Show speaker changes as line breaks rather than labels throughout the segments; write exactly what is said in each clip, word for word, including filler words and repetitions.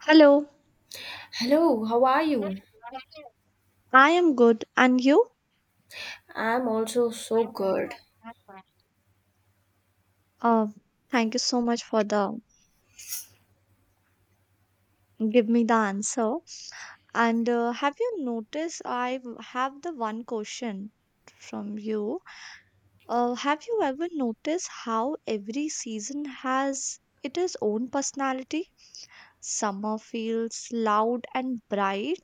Hello,
Hello, how are you?
I am good, and you?
I'm also so good.
Um, Thank you so much for the give me the answer. And uh, have you noticed I w- have the one question from you. Uh, have you ever noticed how every season has its own personality? Summer feels loud and bright,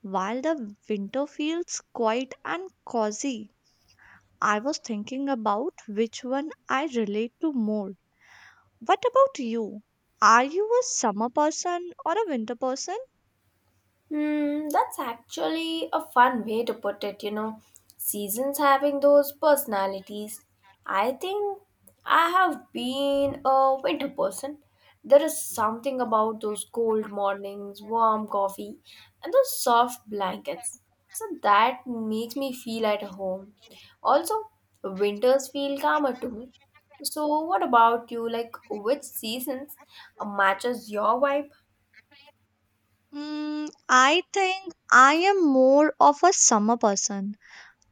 while the winter feels quiet and cozy. I was thinking about which one I relate to more. What about you? Are you a summer person or a winter person?
Hmm, that's actually a fun way to put it, you know. Seasons having those personalities. I think I have been a winter person. There is something about those cold mornings, warm coffee, and those soft blankets. So that makes me feel at home. Also, winters feel calmer to me. So, what about you? Like, which seasons uh, matches your vibe?
Mm, I think I am more of a summer person.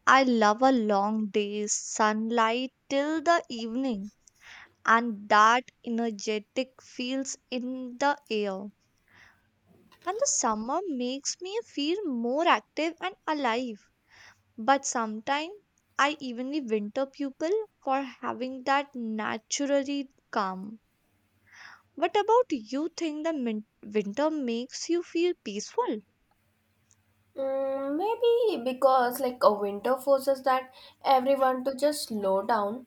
I love a long day's sunlight till the evening, and that energetic feels in the air. And the summer makes me feel more active and alive. But sometimes I evenly winter people for having that naturally calm. What about you think the min- winter makes you feel peaceful?
Mm, maybe because like a winter forces that everyone to just slow down.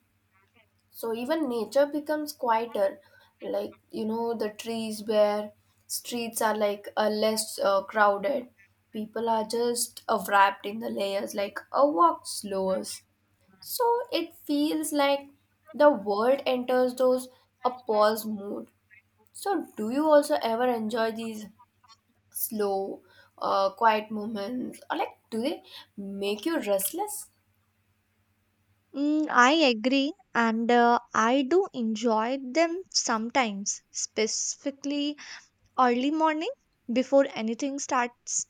So even nature becomes quieter. Like you know the trees bare, streets are like uh, less uh, crowded. People are just uh, wrapped in the layers like a walk slows. So it feels like the world enters those a pause mood. So do you also ever enjoy these slow, uh, quiet moments, or like do they make you restless?
Mm, I agree, and uh, I do enjoy them sometimes, specifically early morning before anything starts.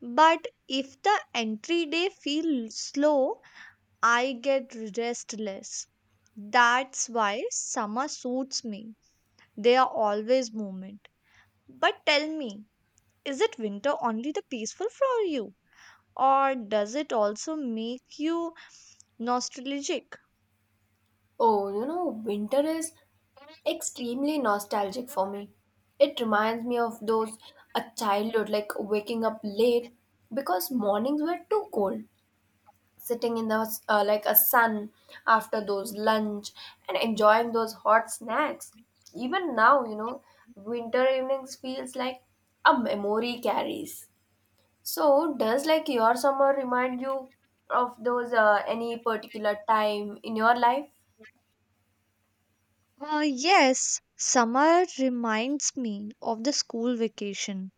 But if the entry day feels slow, I get restless. That's why summer suits me. They are always movement. But tell me, is it winter only the peaceful for you? Or does it also make you nostalgic?
Oh, you know, winter is extremely nostalgic for me. It reminds me of those a childhood, like waking up late because mornings were too cold. Sitting in the uh, like a sun after those lunch and enjoying those hot snacks. Even now, you know, winter evenings feels like a memory carries. So, does like your summer remind you of those uh, any particular time in your life?
Uh, yes, summer reminds me of the school vacation.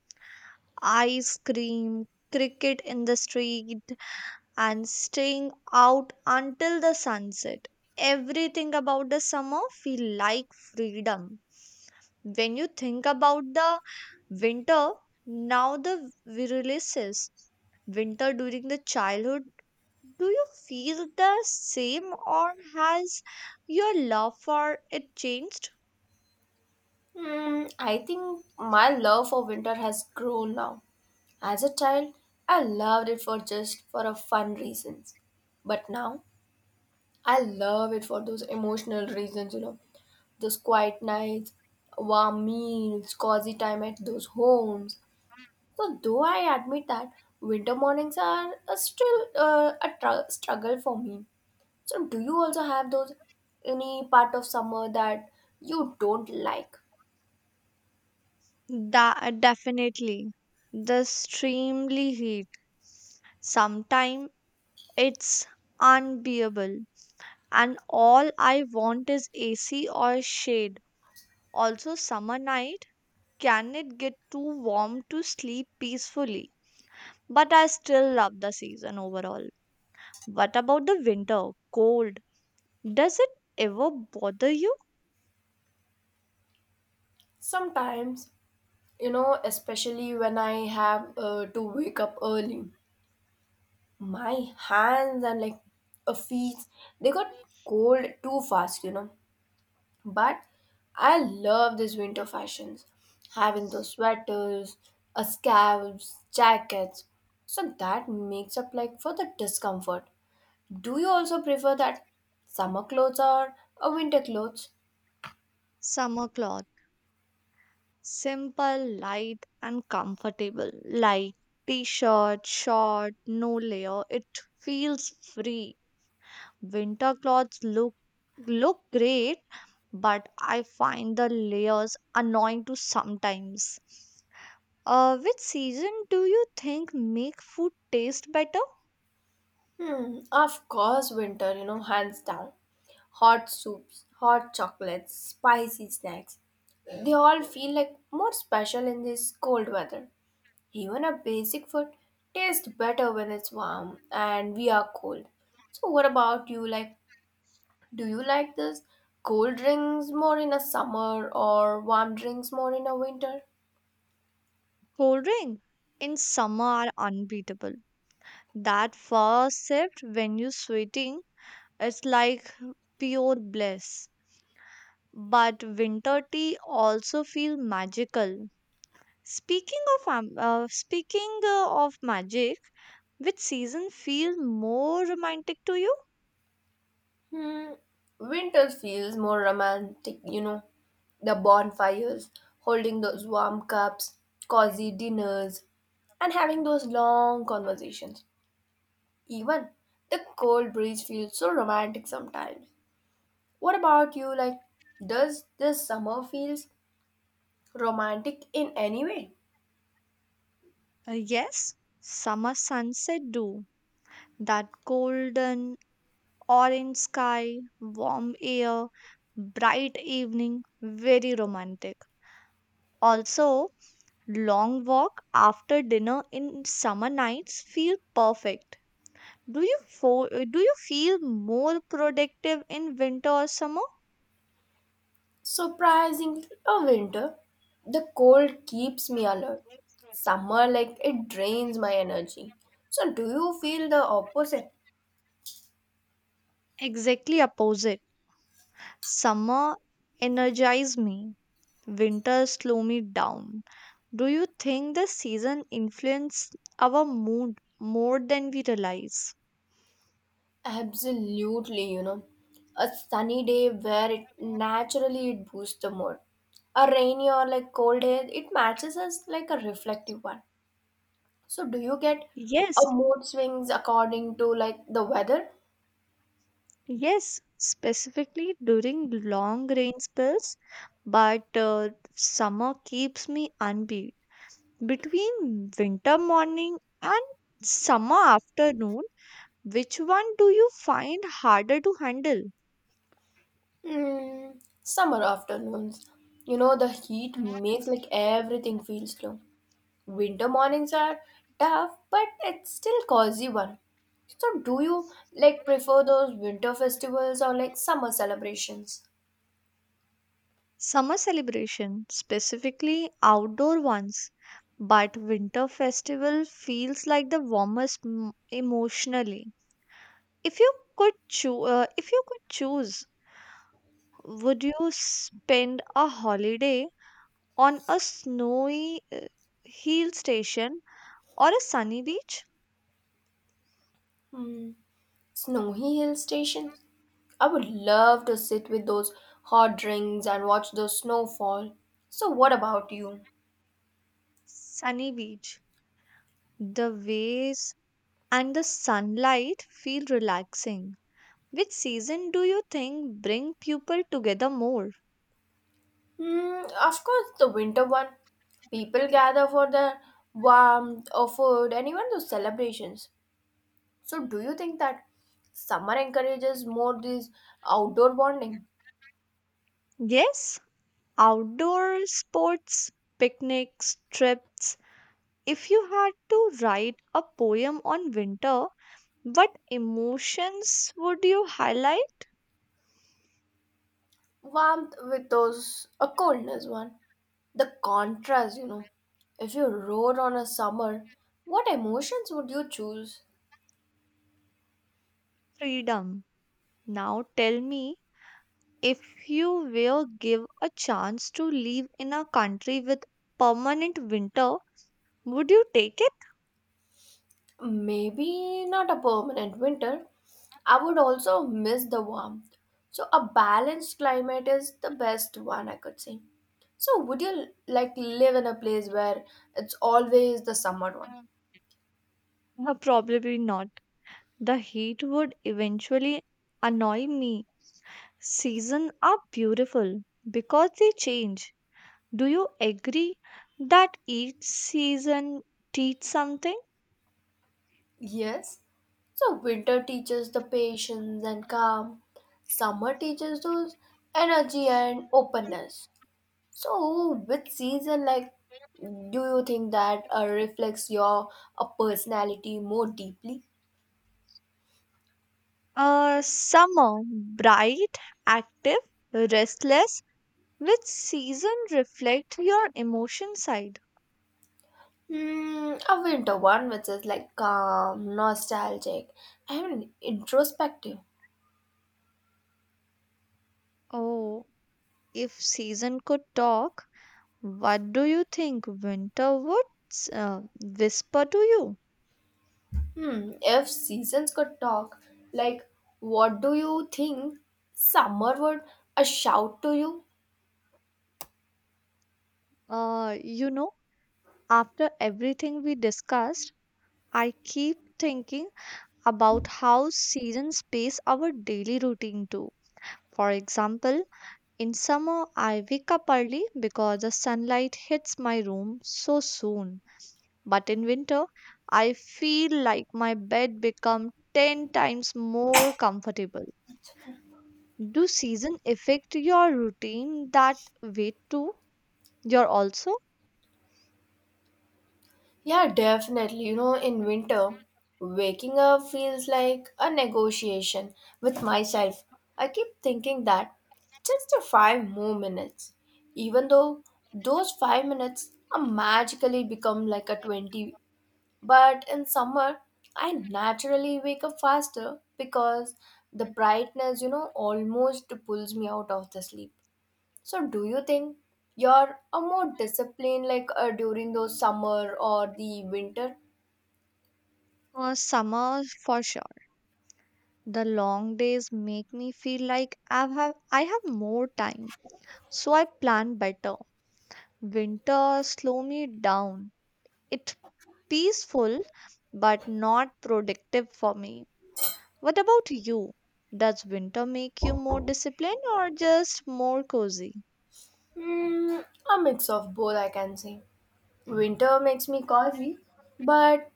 Ice cream, cricket in the street, and staying out until the sunset. Everything about the summer feel like freedom. When you think about the winter, now the releases winter during the childhood, do you feel the same or has your love for it changed?
Hmm, I think my love for winter has grown now. As a child, I loved it for just for a fun reasons, but now I love it for those emotional reasons. You know, those quiet nights, warm meals, cozy time at those homes. So, though I admit that winter mornings are uh, still uh, a tru- struggle for me. So, do you also have those any part of summer that you don't like?
Da- definitely the extremely heat sometimes it's unbearable, and all I want is ac or shade. Also, summer night, can it get too warm to sleep peacefully? But I still love the season overall. What about the winter? Cold. Does it ever bother you?
Sometimes, you know, especially when I have uh, to wake up early, my hands and like uh, feet they got cold too fast, you know. But I love these winter fashions, having those sweaters, uh, scarves, jackets. So that makes up like for the discomfort. Do you also prefer that summer clothes or uh, winter clothes?
Summer cloth. Simple, light, and comfortable. Like t shirt, short, no layer. It feels free. Winter clothes look look great, but I find the layers annoying to sometimes. Uh, which season do you think make food taste better?
Hmm, of course, winter, you know, hands down. Hot soups, hot chocolates, spicy snacks. They all feel like more special in this cold weather. Even a basic food tastes better when it's warm and we are cold. So, what about you? Like, do you like this cold drinks more in a summer or warm drinks more in a winter?
Cold drink in summer are unbeatable. That first sip when you're sweating is like pure bliss. But winter tea also feel magical. Speaking of um, uh, speaking uh, of magic, which season feel more romantic to you?
Hmm, winter feels more romantic, you know. The bonfires, holding those warm cups, cozy dinners, and having those long conversations. Even the cold breeze feels so romantic sometimes. What about you? Like, does this summer feels romantic in any way?
Uh, yes, summer sunset do. That golden orange sky, warm air, bright evening, very romantic. Also, long walk after dinner in summer nights feel perfect. Do you fo- uh, do you feel more productive in winter or summer?
Surprisingly, a winter, the cold keeps me alert. Summer, like, it drains my energy. So, do you feel the opposite?
Exactly opposite. Summer energize me. Winter slow me down. Do you think the season influence our mood more than we realize?
Absolutely, you know. A sunny day where it naturally it boosts the mood. A rainy or like cold day, it matches as like a reflective one. So do you get a
Yes,
mood swings according to like the weather?
yes, specifically during long rain spells, but uh, summer keeps me unbeat. Between winter morning and summer afternoon, which one do you find harder to handle?
Mm, summer afternoons. You know the heat makes like everything feel slow. Winter mornings are tough, but it's still cozy one. So do you like prefer those winter festivals or like summer celebrations?
Summer celebration, specifically outdoor ones, but winter festival feels like the warmest m- emotionally. If you could choose, uh, if you could choose, would you spend a holiday on a snowy uh, hill station or a sunny beach?
Hmm. Snowy hill stations? I would love to sit with those hot drinks and watch the snow fall. So, what about you?
Sunny beach. The waves and the sunlight feel relaxing. Which season do you think bring people together more?
Hmm, of course, the winter one. People gather for the warmth of food and even those celebrations. So, do you think that summer encourages more this outdoor bonding?
Yes, outdoor sports, picnics, trips. If you had to write a poem on winter, what emotions would you highlight?
Warmth with those, a coldness one. The contrast, you know. If you rode on a summer, what emotions would you choose?
Freedom. Now tell me, if you were give a chance to live in a country with permanent winter, would you take it?
Maybe not a permanent winter. I would also miss the warmth. So, a balanced climate is the best one I could say. So, would you like live in a place where it's always the summer one?
Uh, Probably not. The heat would eventually annoy me. Seasons are beautiful because they change. Do you agree that each season teach something?
Yes. So, winter teaches the patience and calm, summer teaches those energy and openness. So, which season, like, do you think that uh, reflects your uh, personality more deeply?
Uh, summer, bright, active, restless. Which season reflect your emotion side?
Hmm. a winter one, which is like calm, nostalgic, and introspective.
Oh, if season could talk, what do you think winter would s- uh, whisper to you?
Hmm, if seasons could talk, like, what do you think summer would a shout to you?
Uh, you know, after everything we discussed, I keep thinking about how seasons pace our daily routine too. For example, in summer, I wake up early because the sunlight hits my room so soon. But in winter, I feel like my bed becomes ten times more comfortable. Do season affect your routine that way too? You're also
Yeah, definitely. You know, in winter, waking up feels like a negotiation with myself. I keep thinking that just a five more minutes, even though those five minutes are magically become like a twenty. But in summer, I naturally wake up faster because the brightness, you know, almost pulls me out of the sleep. So, do you think you're a more disciplined like uh, during those summer or the winter?
a summer for sure. The long days make me feel like I have I have more time, so I plan better. Winter slow me down. It's peaceful but not productive for me. What about you? Does winter make you more disciplined or just more cozy?
Hmm, a mix of both, I can say. Winter makes me cozy, but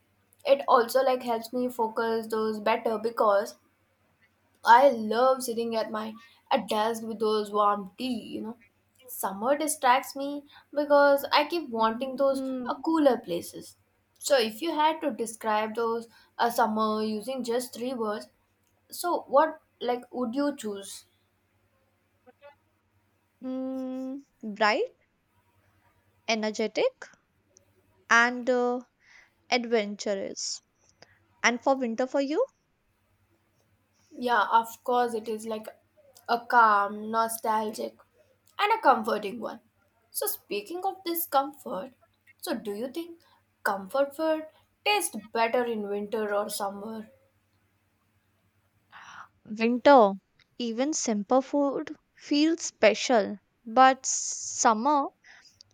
it also like helps me focus those better because I love sitting at my at desk with those warm tea, you know. Summer distracts me because I keep wanting those
Hmm.
uh, cooler places. So if you had to describe those a summer using just three words, so what like would you choose?
Mm, bright, energetic, and uh, adventurous. And for winter for you?
Yeah, of course it is like a calm, nostalgic and a comforting one. So speaking of this comfort, so do you think comfort food tastes better in winter or summer?
Winter, even simple food feels special, but summer,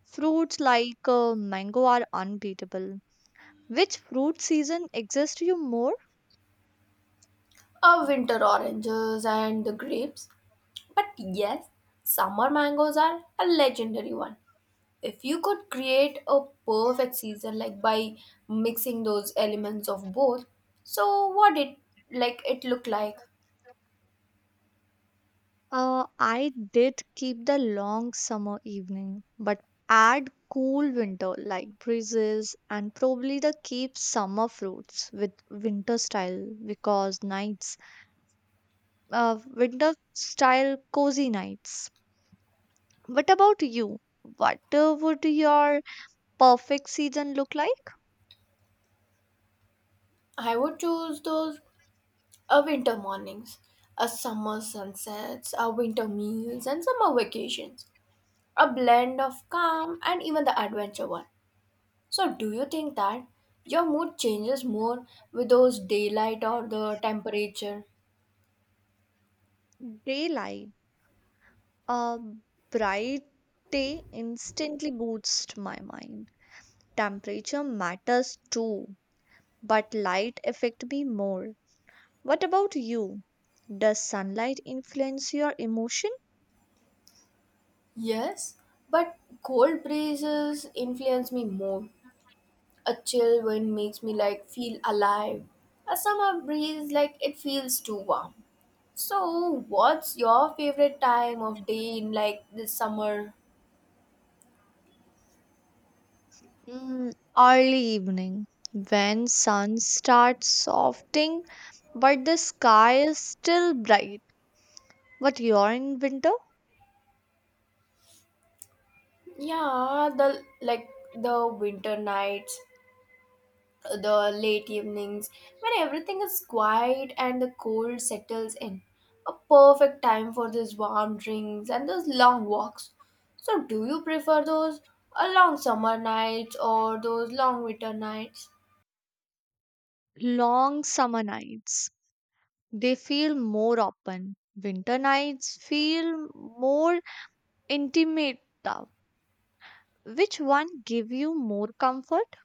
fruits like uh, mango are unbeatable. Which fruit season exists to you more?
Uh, winter oranges and the grapes. But yes, summer mangoes are a legendary one. If you could create a perfect season like by mixing those elements of both, so what it like it look like?
Uh, I did keep the long summer evening, but add cool winter like breezes and probably the keep summer fruits with winter style because nights, uh, winter style cozy nights. What about you? What uh, would your perfect season look like?
I would choose those uh, winter mornings, a summer sunsets, a winter meals and summer vacations. A blend of calm and even the adventure one. So, do you think that your mood changes more with those daylight or the temperature?
Daylight. A bright day instantly boosts my mind. Temperature matters too, but light affect me more. What about you? Does sunlight influence your emotion?
Yes, but cold breezes influence me more. A chill wind makes me like feel alive. A summer breeze like it feels too warm. So, what's your favorite time of day in like the summer?
Mm, Early evening, when sun starts softening, but the sky is still bright. But you're in winter?
Yeah, the like the winter nights, the late evenings when everything is quiet and the cold settles in. A perfect time for those warm drinks and those long walks. So, do you prefer those uh, long summer nights or those long winter nights?
Long summer nights. They feel more open. Winter nights feel more intimate, now. Which one give you more comfort?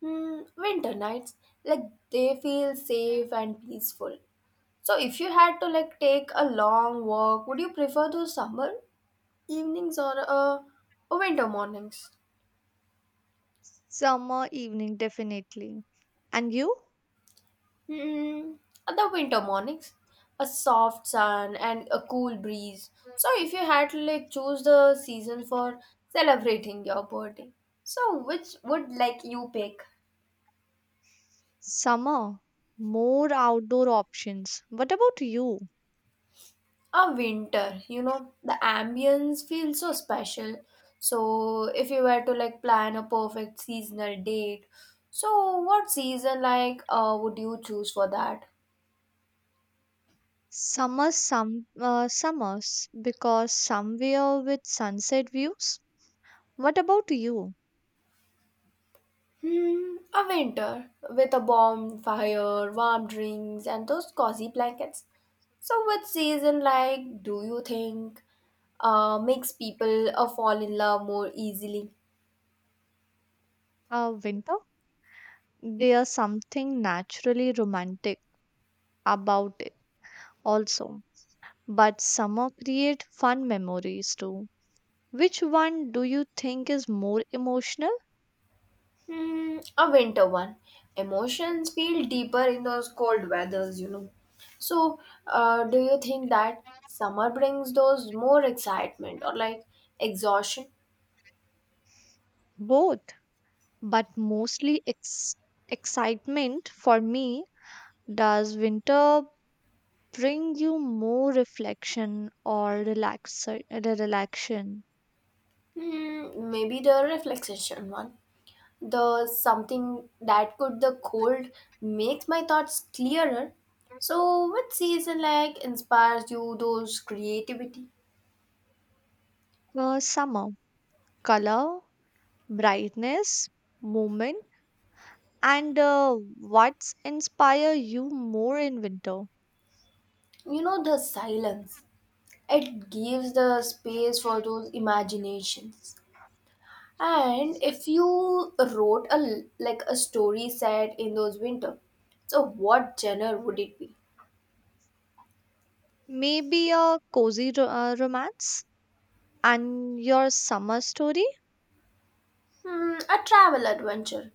Hmm, winter nights, like they feel safe and peaceful. So, if you had to like take a long walk, would you prefer those summer evenings or uh, winter mornings?
Summer evening, definitely. And you?
Hmm, the winter mornings, a soft sun and a cool breeze. So if you had to like choose the season for celebrating your birthday, so which would like you pick?
Summer, more outdoor options. What about you?
A winter, you know, the ambience feels so special. So if you were to like plan a perfect seasonal date, so what season like uh, would you choose for that?
Summer, some uh, summers because somewhere with sunset views. What about you?
Hmm, a winter with a bonfire, warm drinks, and those cozy blankets. So, what season like do you think uh, makes people uh, fall in love more easily?
Uh, winter? There's something naturally romantic about it also. But summer create fun memories too. Which one do you think is more emotional?
Hmm, a winter one. Emotions feel deeper in those cold weathers, you know. So, uh, do you think that summer brings those more excitement or like exhaustion?
Both, but mostly ex- excitement for me. Does winter bring you more reflection or relax- relaxation?
Hmm, maybe the reflection one. The something that could the cold makes my thoughts clearer. So what season like inspires you those creativity?
Uh, summer, color, brightness, movement, and uh, what's inspire you more in winter?
You know the silence, it gives the space for those imaginations. And if you wrote a l- like a story set in those winter, so what genre would it be?
Maybe a cozy ro- uh, romance? And your summer story?
Hmm, a travel adventure.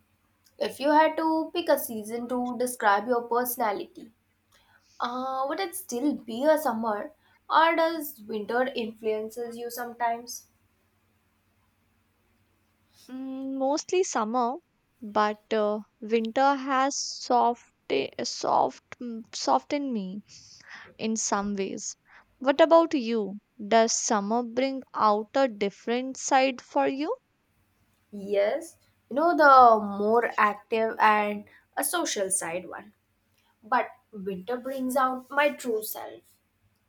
If you had to pick a season to describe your personality Uh, would it still be a summer, or does winter influences you sometimes?
Mm, mostly summer, but uh, winter has soft, eh, soft, mm, softened me in some ways. What about you? Does summer bring out a different side for you?
Yes, you know the more active and a social side one. But winter brings out my true self.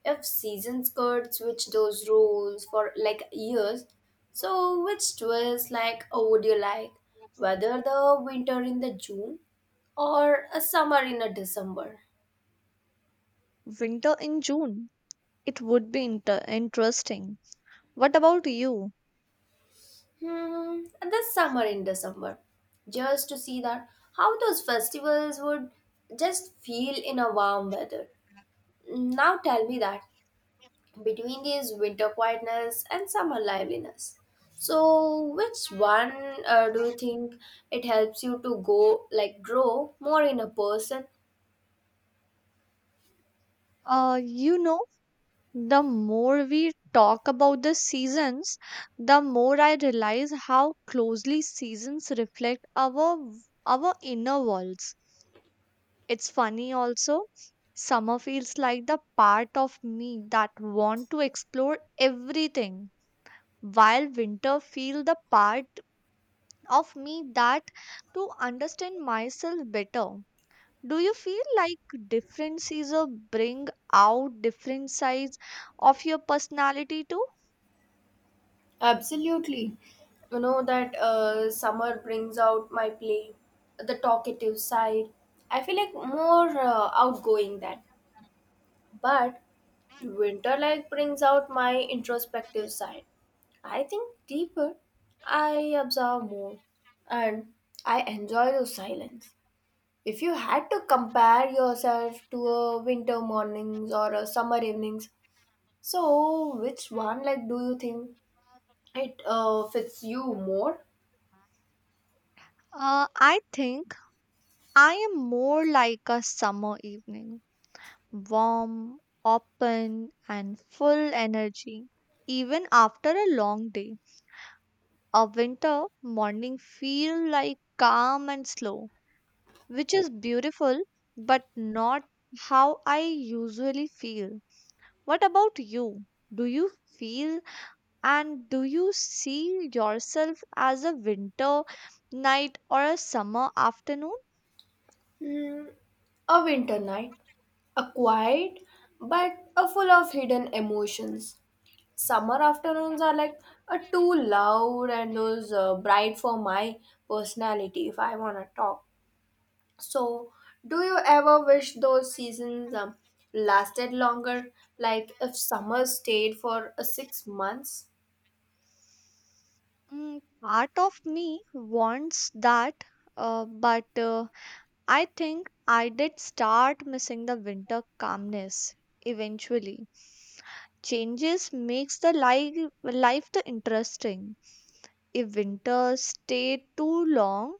If seasons could switch those rules for like years, so which twist like uh, would you like? Whether the winter in the June or a summer in a December?
Winter in June. It would be inter- interesting. What about you?
Hmm, this summer in December, just to see that how those festivals would just feel in a warm weather. Now tell me that between these winter quietness and summer liveliness. So, which one uh, do you think it helps you to go like grow more in a person?
Uh, you know, the more we talk about the seasons, the more I realize how closely seasons reflect our our inner worlds. It's funny also. Summer feels like the part of me that want to explore everything, while winter feel the part of me that to understand myself better. Do you feel like different seasons bring out different sides of your personality too?
Absolutely. You know that uh, summer brings out my play, the talkative side. I feel like more uh, outgoing then. But winter like brings out my introspective side. I think deeper, I observe more, and I enjoy the silence. If you had to compare yourself to a winter mornings or a summer evenings, so which one like do you think it uh, fits you more?
Uh, I think I am more like a summer evening, warm, open, and full energy. Even after a long day, a winter morning feel like calm and slow, which is beautiful, but not how I usually feel. What about you? Do you feel and do you see yourself as a winter night or a summer afternoon?
Hmm, a winter night, a quiet but a full of hidden emotions Summer afternoons are like uh, too loud and those uh, bright for my personality if I want to talk. So, do you ever wish those seasons um, lasted longer? Like if summer stayed for uh, six months?
Mm, Part of me wants that, uh, but uh, I think I did start missing the winter calmness eventually. Changes makes the life life the interesting. If winter stayed too long,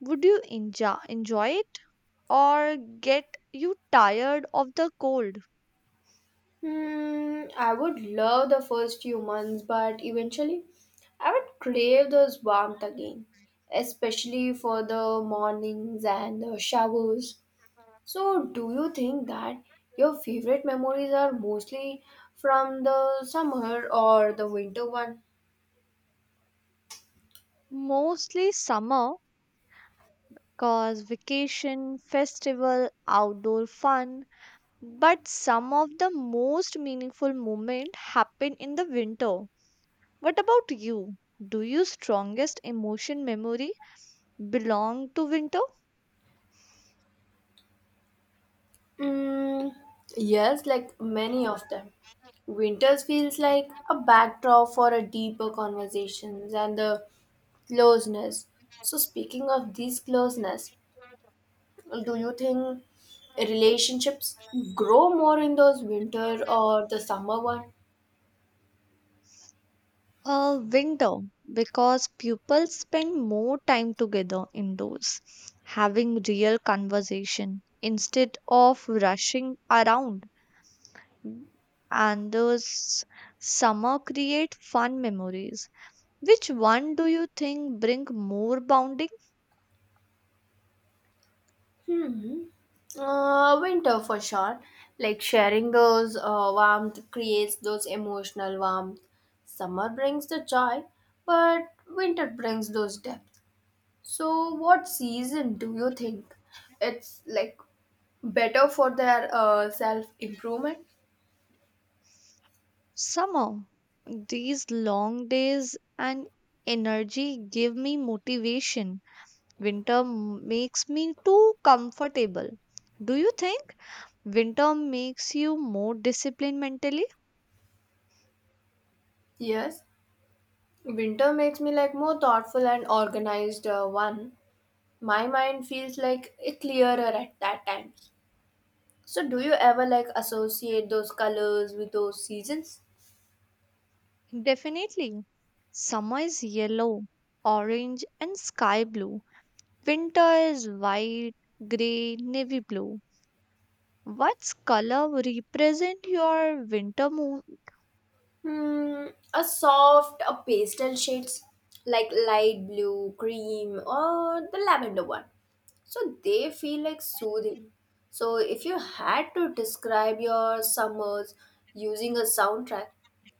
would you enjoy enjoy it or get you tired of the cold?
Hmm, I would love the first few months, but eventually I would crave those warmth again, especially for the mornings and the showers. So, do you think that your favorite memories are mostly from the summer or the winter one?
Mostly summer, cause vacation, festival, outdoor fun, but some of the most meaningful moments happen in the winter. What about you? Do your strongest emotion memory belong to winter?
Mm, yes, like many of them. Winters feels like a backdrop for a deeper conversations and the closeness. So, speaking of these closeness, do you think relationships grow more in those winter or the summer one?
Uh, winter, because people spend more time together indoors, having real conversation instead of rushing around. And those summer create fun memories. Which one do you think bring more bonding?
Hmm. Uh, winter for sure. Like sharing those uh, warmth creates those emotional warmth. Summer brings the joy, but winter brings those depth. So, what season do you think it's like better for their uh, self improvement?
Somehow, these long days and energy give me motivation. Winter m- makes me too comfortable. Do you think winter makes you more disciplined mentally?
Yes, winter makes me like more thoughtful and organized uh, one. My mind feels like a clearer at that time. So, do you ever like associate those colors with those seasons?
Definitely. Summer is yellow, orange, and sky blue. Winter is white, gray, navy blue. What's color represent your winter moon?
Hmm, a soft, a pastel shades like light blue, cream, or the lavender one. So they feel like soothing. So, if you had to describe your summers using a soundtrack,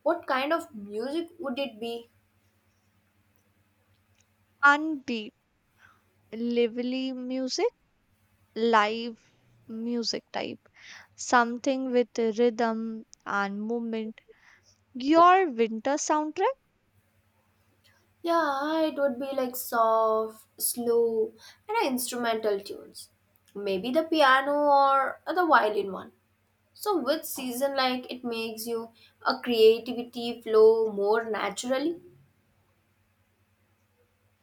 what kind of music would it be?
Unbeat, lively music, live music type, something with a rhythm and movement. Your winter soundtrack
Yeah, it would be like soft, slow, and instrumental tunes. Maybe the piano or the violin one. So with season like it makes you a creativity flow more naturally?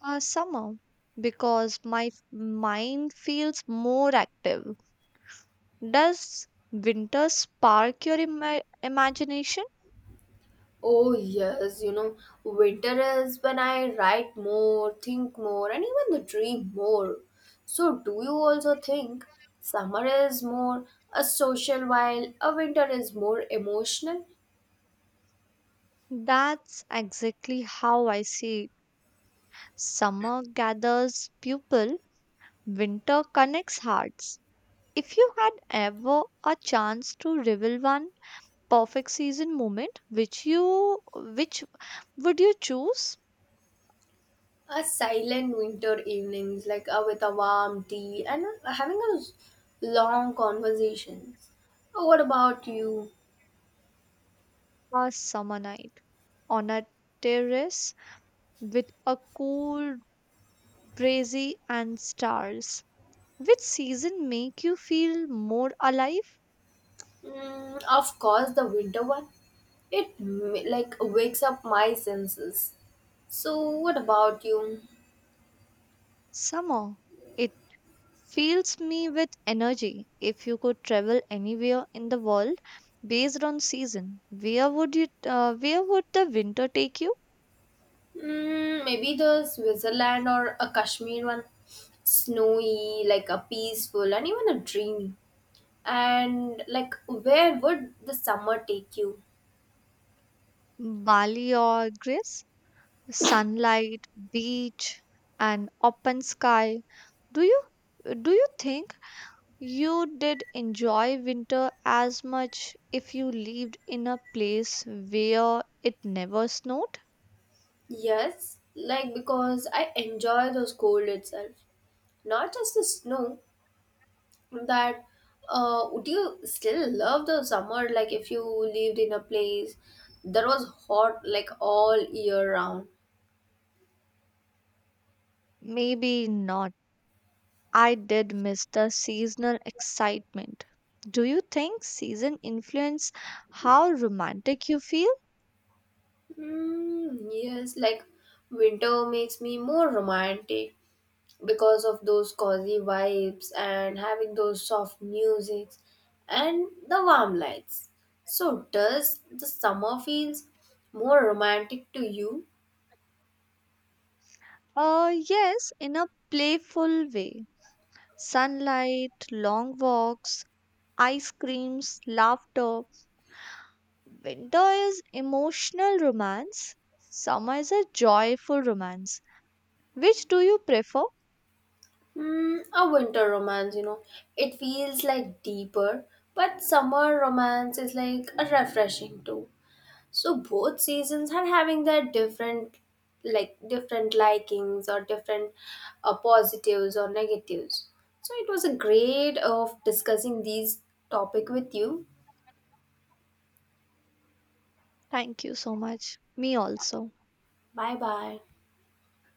or summer? Because my f- mind feels more active. Does winter spark your ima- imagination?
Oh yes, you know, winter is when I write more, think more and even dream more. So do you also think summer is more a social while a winter is more emotional?
That's exactly how I see it. Summer gathers people, winter connects hearts. If you had ever a chance to reveal one, perfect season moment, which you which would you choose?
A silent winter evenings like uh, with a warm tea and uh, having a long conversations. What about you?
A summer night on a terrace with a cool breezy and stars. Which season make you feel more alive?
Mm, of course, the winter one. It m- like wakes up my senses. So, what about you?
Summer, it fills me with energy. If you could travel anywhere in the world based on season, where would you, uh, where would the winter take you?
Mm, maybe the Switzerland or a Kashmir one. Snowy, like a peaceful, and even a dreamy. And like, where would the summer take you?
Bali or Greece. Sunlight, beach, and open sky. Do you do you think you did enjoy winter as much if you lived in a place where it never snowed?
Yes, like because I enjoy those cold itself, not just the snow. That, uh, would you still love the summer like if you lived in a place that was hot like all year round?
Maybe not. I did miss the seasonal excitement. Do you think season influence how romantic you feel?
Mm, yes, like winter makes me more romantic because of those cozy vibes and having those soft musics and the warm lights. So does the summer feels more romantic to you?
Uh yes, in a playful way. Sunlight, long walks, ice creams, laughter. Winter is emotional romance, summer is a joyful romance. Which do you prefer?
Mm, a winter romance, you know. It feels like deeper, but summer romance is like a refreshing too. So both seasons are having their different like different likings or different uh, positives or negatives. So it was a great of discussing these topic with you.
Thank you so much. Me also.
Bye bye.